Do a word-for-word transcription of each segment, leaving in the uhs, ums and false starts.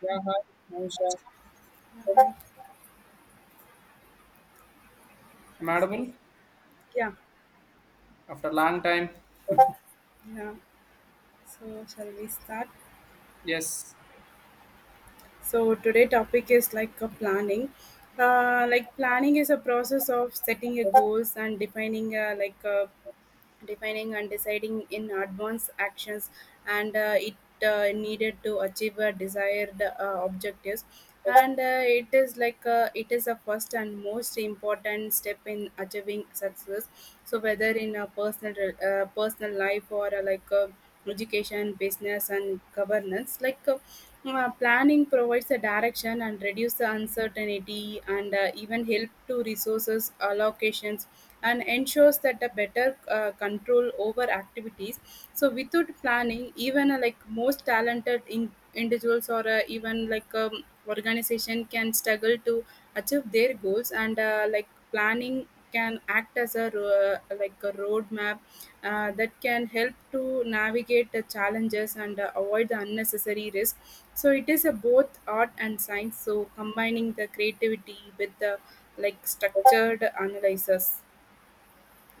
Yeah, hi, Manisha. I'm audible yeah after a long time. yeah So shall we start? Yes, So today topic is like a planning. Uh, like planning is a process of setting a goals and defining uh, like uh, defining and deciding in advance actions, and uh, it uh, needed to achieve a desired uh, objectives. And uh, it is like uh, it is a first and most important step in achieving success. So whether in a personal uh, personal life or uh, like a education, business, and governance. Like uh, mm, uh, planning provides a direction and reduce the uncertainty, and uh, even help to resources allocations, and ensures that a better uh, control over activities. So without planning, even uh, like most talented in individuals or uh, even like um, organization can struggle to achieve their goals, and uh, like planning can act as a ro- like a roadmap uh, that can help to navigate the challenges and uh, avoid the unnecessary risk. So it is a both art and science, so combining the creativity with the like structured analysis.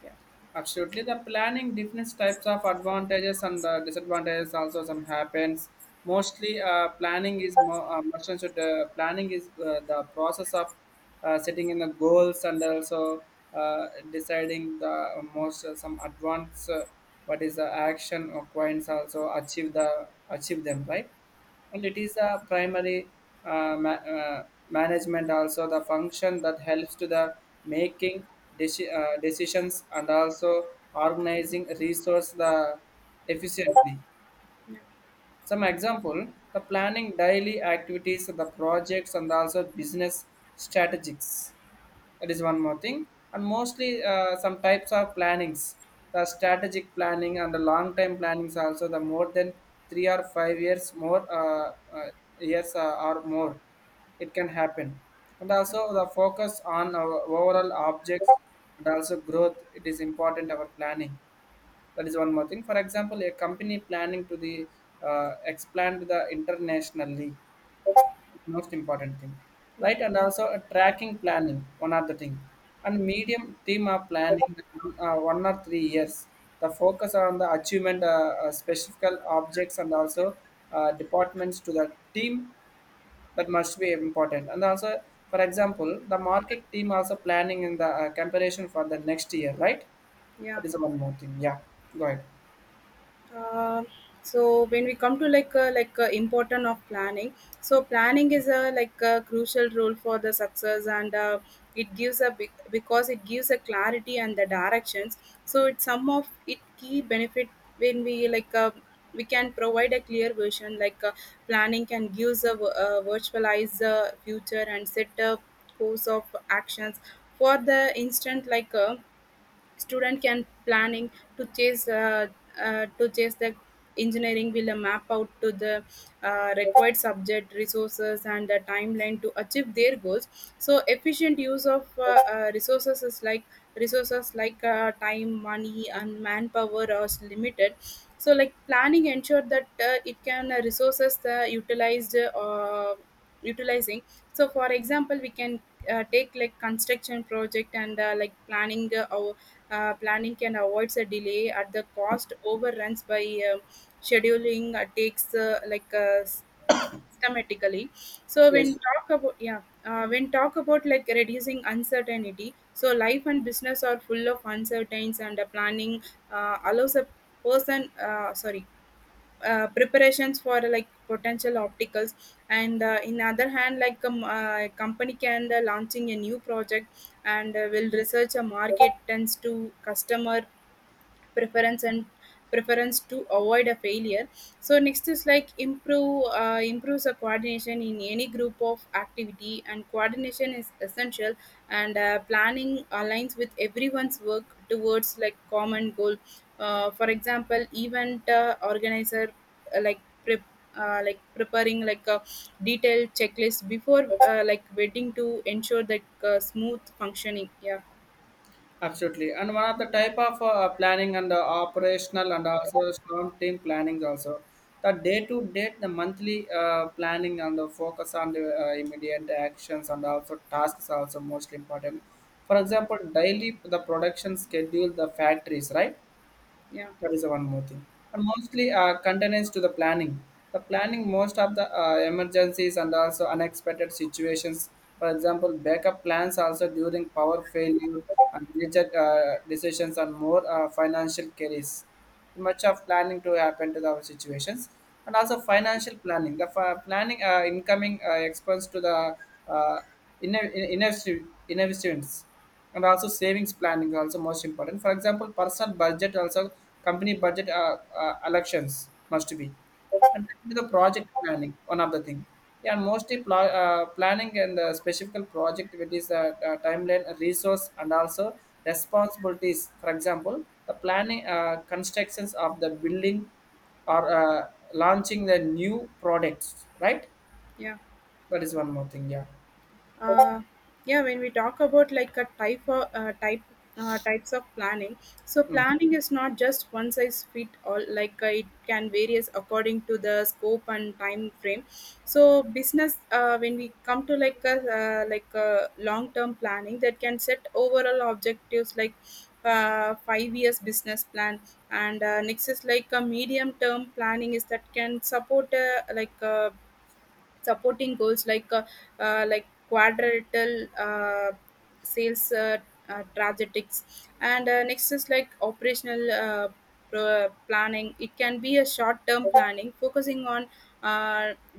yeah absolutely. The planning different types of advantages and the disadvantages also some happens. Mostly, uh, planning is more. Uh, much as it, uh, planning is uh, the process of uh, setting in the goals and also uh, deciding the most uh, some advance uh, what is the action or coins also achieve the achieve them, right? And it is a primary uh, ma- uh, management also the function that helps to the making deci- uh, decisions and also organizing resource the efficiently. yeah Some example, the planning daily activities of the projects and also business strategies. That is one more thing. And mostly uh, some types of plannings, the strategic planning and the long term plannings also the more than three or five years more uh, uh, years uh, or more, it can happen. And also the focus on our overall objects and also growth, it is important our planning. That is one more thing. For example, a company planning to the uh, expand the internationally, most important thing, yeah, right? And also uh, tracking planning, one other thing. And medium team are planning that one, uh, one or three years, the focus on the achievement uh, uh, specific objects and also uh, departments to the team. That must be important. And also, for example, the market team also planning in the uh, comparison for the next year, right? That yeah. is one more thing, yeah. Go ahead. Uh, so when we come to like uh, like uh, important of planning. So planning is a like a crucial role for the success, and uh, it gives a big because it gives a clarity and the directions. So it's some of it key benefit. When we like uh, We can provide a clear version. Like uh, planning can give a vi- uh, virtualize the future and set a course of actions. For the instant, like uh, student can planning to chase uh, uh, to chase the engineering will uh, map out to the uh, required subject resources and the timeline to achieve their goals. So efficient use of uh, uh, resources is like resources like uh, time money and manpower are limited. So like planning ensure that uh, it can uh, resources uh, utilized uh, utilizing. So for example, we can uh, take like construction project, and uh, like planning uh, our uh, planning can avoid a delay at the cost overruns by uh, scheduling uh, takes uh, like uh, systematically. So when Yes, talk about, yeah, uh, when talk about like reducing uncertainty, so life and business are full of uncertainties, and uh, planning uh, allows a person uh, sorry uh, preparations for like potential obstacles. and uh, in other hand like um, uh, company can uh, launching a new project, and uh, will research a market tends to customer preference and preference to avoid a failure. So next is like improve uh, improves the coordination in any group of activity, and coordination is essential, and uh, planning aligns with everyone's work towards like common goal. Uh, for example, event uh, organizer uh, like prep uh, like preparing like a detailed checklist before uh, like waiting to ensure that uh, smooth functioning. yeah absolutely. And one of the type of uh, planning and uh, operational and also strong team planning also. The day to day, the monthly uh, planning and the focus on the uh, immediate actions and also tasks are also most important. For example, daily the production schedule, the factories, right? yeah That is the one more thing. And mostly uh, continues to the planning. The planning most of the uh, emergencies and also unexpected situations. For example, backup plans also during power failure and major uh, decisions and more uh, financial carries. Much of planning to happen to the, our situations and also financial planning. The fi- planning uh, incoming uh, expense to the uh, inevitable and also savings planning is also most important. For example, personal budget also, company budget uh, uh, elections must be. And then the project planning, one of the thing, yeah. Mostly pl- uh, planning and uh, specific project which is uh, uh, timeline, uh, resource and also responsibilities. For example, the planning uh, constructions of the building, or uh, launching the new products, right? yeah That is one more thing, yeah. uh, yeah When we talk about like a type of uh, type uh, types of planning, so Mm. planning is not just one size fit all, like uh, it can varies according to the scope and time frame. So business uh, when we come to like a uh, like a long term planning that can set overall objectives, like uh, five years business plan, and uh, next is like a medium term planning is that can support uh, like uh, supporting goals like uh, uh, like quadrilateral uh, sales uh, uh, trajectories, and uh, next is like operational uh, pro- planning. It can be a short term planning focusing on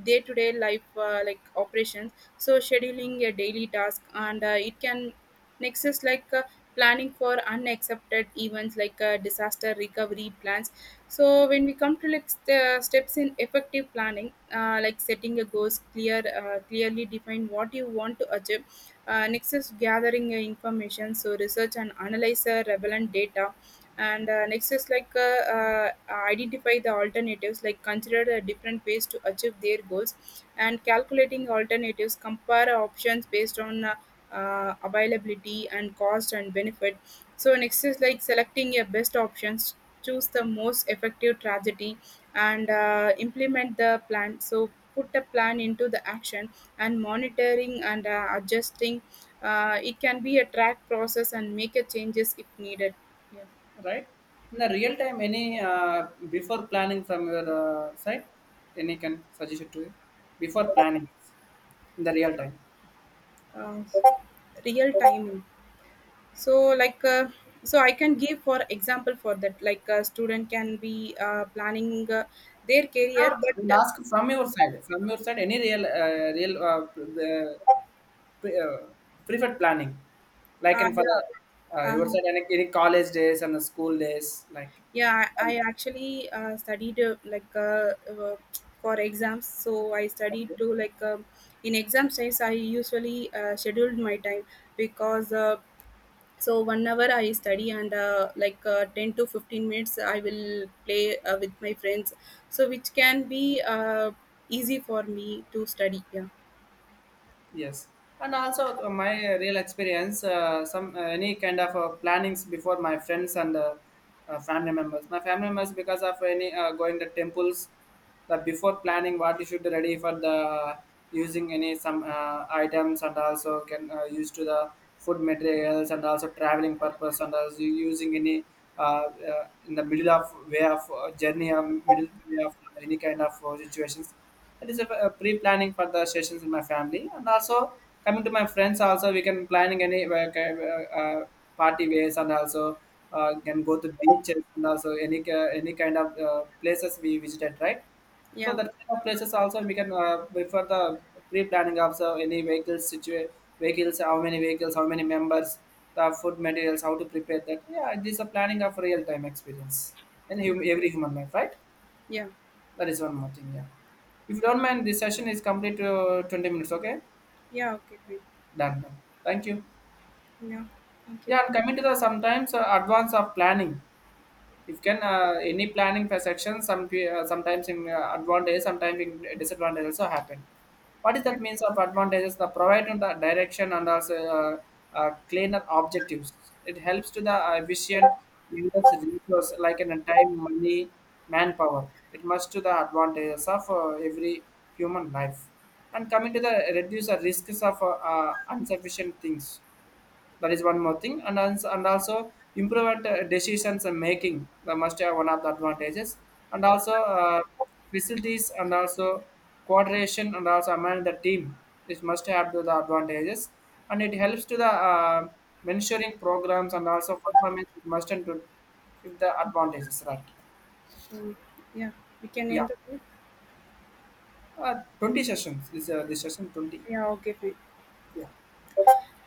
day to day life, uh, like operations. So scheduling a daily task, and uh, it can next is like uh, planning for unaccepted events like uh, disaster recovery plans. So when we come to like st- uh, steps in effective planning, uh, like setting a goals clear uh, clearly define what you want to achieve. Uh, next is gathering uh, information, so research and analyze uh, relevant data, and uh, next is like uh, uh, identify the alternatives, like consider the different ways to achieve their goals, and calculating alternatives, compare options based on uh, uh, availability and cost and benefit. So next is like selecting your best options, choose the most effective strategy, and uh, implement the plan, so put a plan into the action, and monitoring and uh, adjusting. Uh, it can be a track process and make a changes if needed. Yeah. Right? In the real time, any uh, before planning from your uh, side, any can suggest it to you before planning in the real time. uh, Real timing, so like uh, so I can give for example for that, like a student can be uh, planning uh, their career Uh, I'll but ask from your side, from your side, any real, uh, real uh, pre- pre- uh, preferred planning, like uh, in for the, yeah. uh, your uh, side, any, any college days and the school days, like. Yeah, I I actually uh, studied uh, like uh, uh, for exams. So I studied Okay. to like um, in exam days, I usually uh, scheduled my time because uh, so one hour I study, and uh, like uh, ten to fifteen minutes I will play uh, with my friends. So which can be Okay. uh, easy for me to study. Yeah, Yes, and also uh, my uh, real experience, uh, some uh, any kind of uh, plannings before my friends and uh, uh, family members. My family members because of any uh, going to temples, that before planning what you should ready for the uh, using any some uh, items and also can uh, use to the food materials and also traveling purpose and also using any uh, uh, in the middle of way of uh, journey or middle way of any kind of uh, situations. That is a, a pre-planning for the sessions in my family, and also coming to my friends. Also, we can planning any uh, uh, uh, party ways, and also uh, can go to beaches and also any ki- any kind of uh, places we visited, right? So yeah, that kind of places also we can uh, prefer the pre-planning, also any vehicles situa- vehicles, how many vehicles, how many members, the food materials, how to prepare that. Yeah, it is a planning of real-time experience in yeah, hum- every human life, right? yeah. That is one more thing, yeah. If you don't mind, this session is complete uh, twenty minutes, okay? Yeah, okay, fine. Done. Thank you. Yeah, thank you. Yeah, and coming to the sometimes uh, advance of planning. If can uh, any planning for section some pe- uh, sometimes in uh, advantage, sometimes in disadvantage also happen. What is Yeah, that means of advantages, the providing the direction and also uh, uh, cleaner objectives. It helps to the uh, efficient use resource like in time, money, manpower. It must to the advantages of uh, every human life. And coming to the reduce the risks of uh, uh, insufficient things. That is one more thing. And also, and also improved uh, decisions and making, that must have one of the advantages. And also uh, facilities and also coordination and also among the team, it must have to the advantages. And it helps to the uh, mentoring programs and also performance, it must and to if the advantages, right? um, yeah. We can Yeah, end up. uh, twenty sessions, this uh, this session twenty, Yeah, okay, fine. yeah.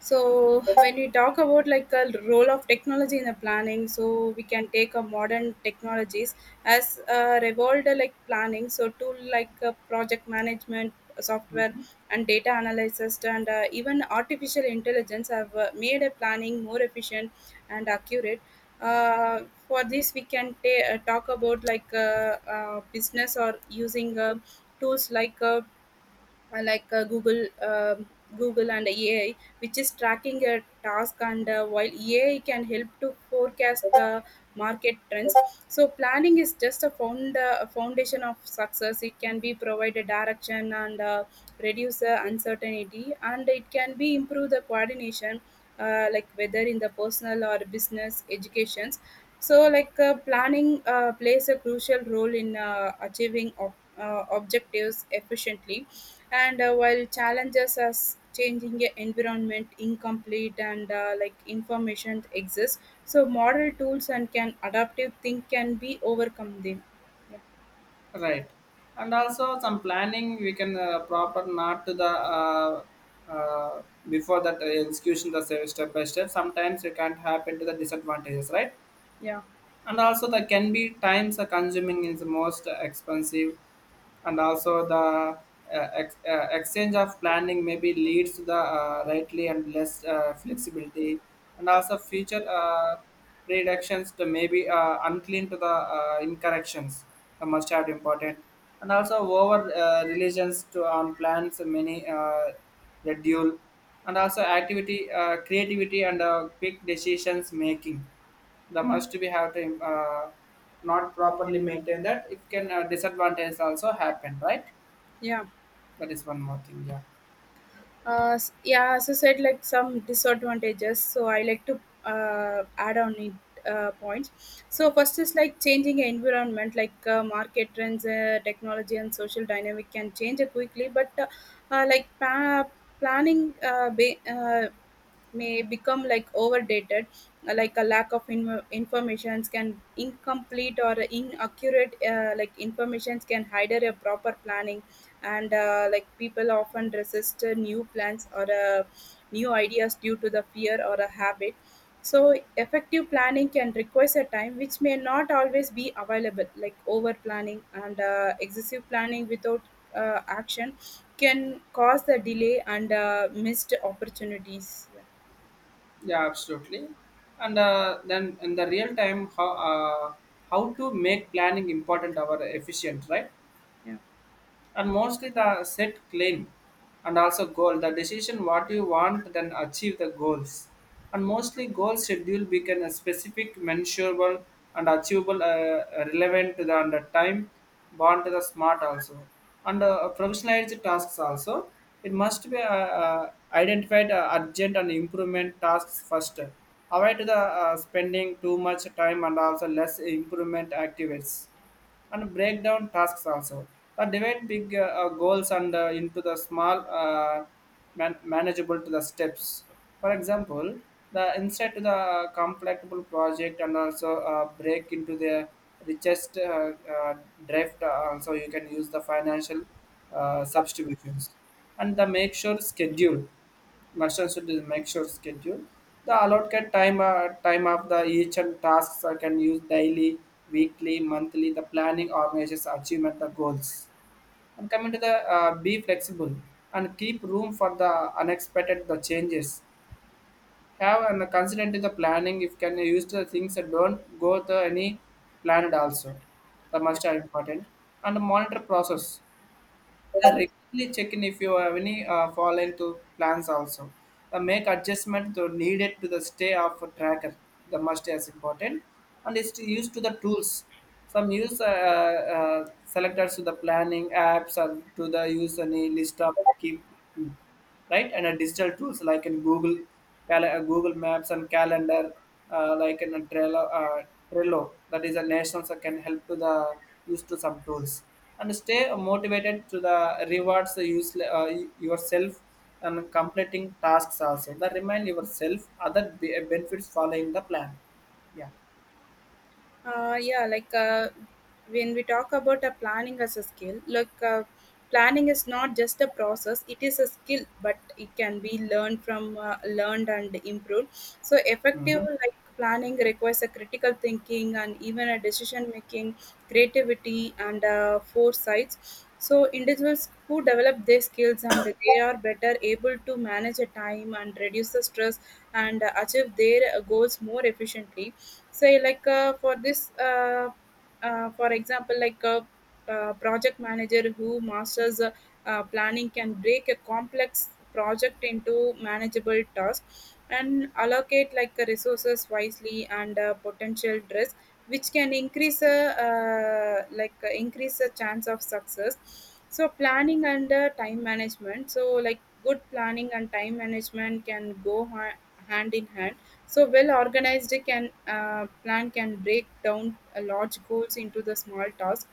So when we talk about like the role of technology in the planning, so we can take a modern technologies as a revolved like planning. So tool like uh, project management software and data analysis and uh, even artificial intelligence have uh, made a planning more efficient and accurate. Uh, for this, we can ta- uh, talk about like uh, uh, business or using uh, tools like uh, uh, like uh, Google um, Google and A I, which is tracking a task. And uh, while A I can help to forecast the market trends. So planning is just a found uh, foundation of success. It can be provided direction and uh, reduce uh, uncertainty, and it can be improve the coordination, uh, like whether in the personal or business educations. So, like uh, planning uh, plays a crucial role in uh, achieving ob- uh, objectives efficiently, and uh, while challenges as changing the environment incomplete and uh, like information exists, so modern tools and can adaptive think can be overcome them. yeah Right. And also some planning we can uh, proper not to the uh, uh, before that uh, execution the step by step. Sometimes you can't happen to the disadvantages, right? yeah And also the can be times uh, consuming is the most expensive and also the uh, ex- uh, exchange of planning maybe leads to the uh, rightly and less uh, flexibility. And also future uh, predictions to maybe uh, unclean to the uh, incorrections, the must have important. And also over uh, religions to on plans, many uh, schedule and also activity uh, creativity and uh, quick decisions making, the must we have to uh, not properly maintain that, it can uh, disadvantage also happen, right? yeah That is one more thing, yeah. uh, s- yeah So said like some disadvantages, so I like to uh, add on it uh, points. So first is like changing environment, like uh, market trends, uh, technology and social dynamic can change quickly, but uh, uh, like pa- planning uh, ba- uh, may become like overdated. Uh, like a lack of in- informations can incomplete or inaccurate, uh, like informations can hide a proper planning, and uh, like people often resist uh, new plans or uh, new ideas due to the fear or a habit. So effective planning can require a time which may not always be available, like over planning and uh, excessive planning without uh, action can cause the delay and uh, missed opportunities. Yeah, absolutely. And uh, then in the real time, how uh, how to make planning important or efficient, right? Yeah, And mostly the set claim and also goal, the decision what you want, then achieve the goals. And mostly goal schedule become a specific, measurable and achievable, uh, relevant to the under time bound to the smart also. And uh, professionalized tasks also, it must be uh, uh, identified uh, urgent and improvement tasks first, avoid the uh, spending too much time and also less improvement activities. And break down tasks also. The divide big uh, uh, goals and uh, into the small uh, man- manageable to the steps. For example, the instead to the completable project and also uh, break into the richest uh, uh, drift. Uh, so you can use the financial uh, substitutions and the make sure schedule must also to make sure schedule the allotted time uh, time of the each and tasks. I can use daily, weekly, monthly. The planning organizes achievement the goals. And coming to the uh, be flexible and keep room for the unexpected the changes. Have and consider the planning if can use the things that don't go to any planned also. The yeah. must are important. And monitor process, yeah, regularly check in if you have any uh, fall into plans also. The make adjustment to needed to the stay of a tracker. The must is important. And it's to used to the tools. Some use uh, uh, selectors to the planning apps or to the use any list of keep, right? And uh, digital tools like in Google, Cal- uh, Google Maps and Calendar, uh, like in a Trello, uh, Trello, that is a national. So can help to the use to some tools. And stay motivated to the rewards, the use uh, yourself and completing tasks also. That remind yourself other be- benefits following the plan. Yeah. Uh, yeah, like uh, when we talk about a planning as a skill, like uh, planning is not just a process; it is a skill, but it can be learned from, uh, learned and improved. So effective Mhm. like planning requires a critical thinking and even a decision making, creativity and uh, foresight. So individuals who develop their skills and they are better able to manage a time and reduce the stress and achieve their goals more efficiently. Say like uh, for this uh, uh, for example like a, uh project manager who masters uh, uh, planning can break a complex project into manageable tasks and allocate like uh, resources wisely and uh, potential risk which can increase uh, uh, like uh, increase the chance of success. So planning and uh, time management, so like good planning and time management can go hand in hand. So well organized can uh, plan can break down uh, large goals into the small tasks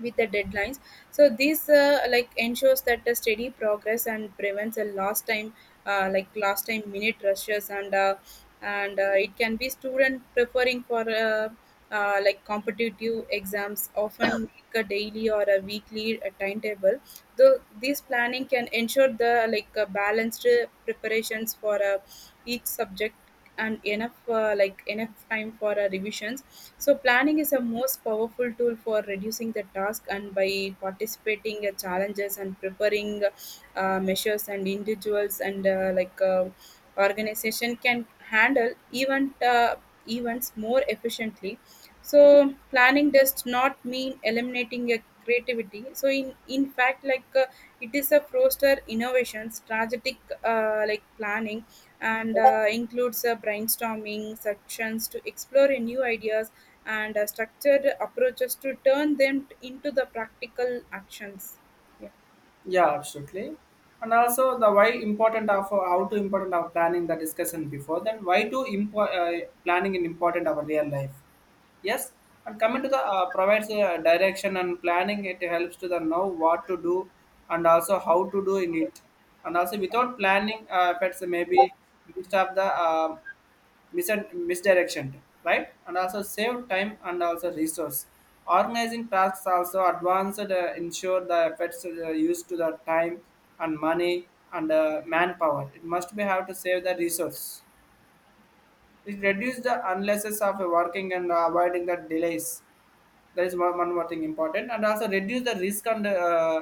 with the deadlines. So this uh, like ensures that the steady progress and prevents a last time uh, like last time minute rushes and uh, and uh, it can be student preferring for uh, uh, like competitive exams often make a daily or a weekly uh, timetable. Though this planning can ensure the like uh, balanced uh, preparations for uh, each subject and enough uh, like enough time for uh, revisions. So planning is a most powerful tool for reducing the task, and by participating uh, challenges and preparing uh, measures, and individuals and uh, like uh, organization can handle event uh, events more efficiently. So planning does not mean eliminating a creativity, so in in fact like uh, it is a foster innovation strategic uh, like planning, and uh, includes uh, brainstorming sections to explore a new ideas, and uh, structured approaches to turn them into the practical actions. Yeah, Yeah, absolutely. And also the why important of how to important of planning, the discussion before, then why to impo- uh, planning is important of real life. Yes, and Yeah. coming to the uh, provides a direction and planning, it helps to the know what to do and also how to do in it. And also without planning uh, affects maybe waste of the uh, mis- misdirection, right? And also save time and also resource. Organizing tasks also advanced uh, ensure the efforts uh, used to the time and money and uh, manpower. It must be have to save the resource. It reduce the unlesses of uh, working and uh, avoiding the delays. That is one, one more thing important. And also reduce the risk and uh,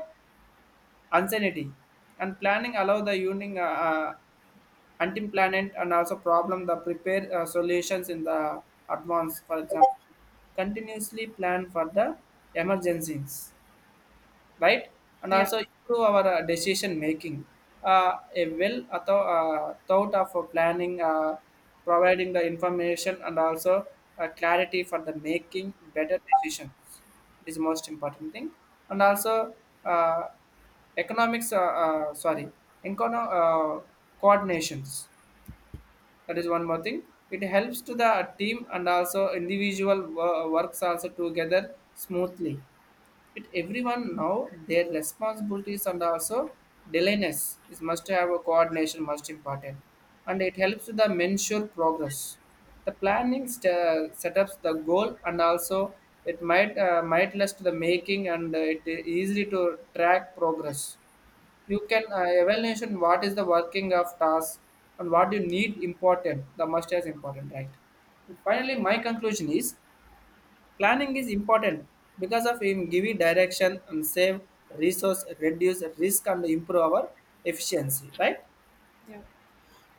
uncertainty. And planning allow the union uh, uh, anti-planet and also problem the prepare uh, solutions in the advance, for example, continuously plan for the emergencies, right? And yeah, also improve our uh, decision making, uh, a well atho- uh, thought of uh, planning uh, providing the information and also uh, clarity for the making better decisions. It is the most important thing. And also uh, economics uh, uh, sorry econo- uh, coordinations, that is one more thing. It helps to the team and also individual wo- works also together smoothly. It everyone know their responsibilities and also delayness is must have a coordination most important. And it helps to the measure progress. The planning st- setups the goal and also it might uh, might less to the making and uh, it easily to track progress. You can uh, evaluation what is the working of task and what you need important, the must as important, right? Finally my conclusion is planning is important because of him giving direction and save resource, reduce risk and improve our efficiency, right? yeah.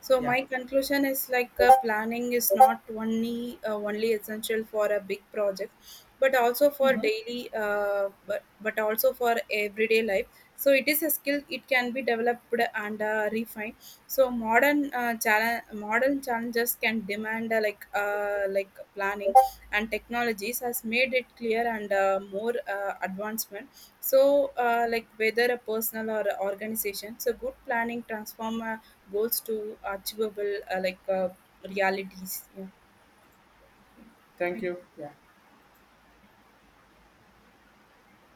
So Yeah, my conclusion is like uh, planning is not only uh, only essential for a big project, but also for daily, uh, but but also for everyday life. So it is a skill. It can be developed and uh, refined. So modern uh, challenge, modern challenges can demand uh, like uh, like planning, and technologies has made it clear and uh, more uh, advancement. So, uh, like whether a personal or a organization, so good planning transform uh, goals to achievable uh, like uh, realities. Yeah. thank you, Thank yeah.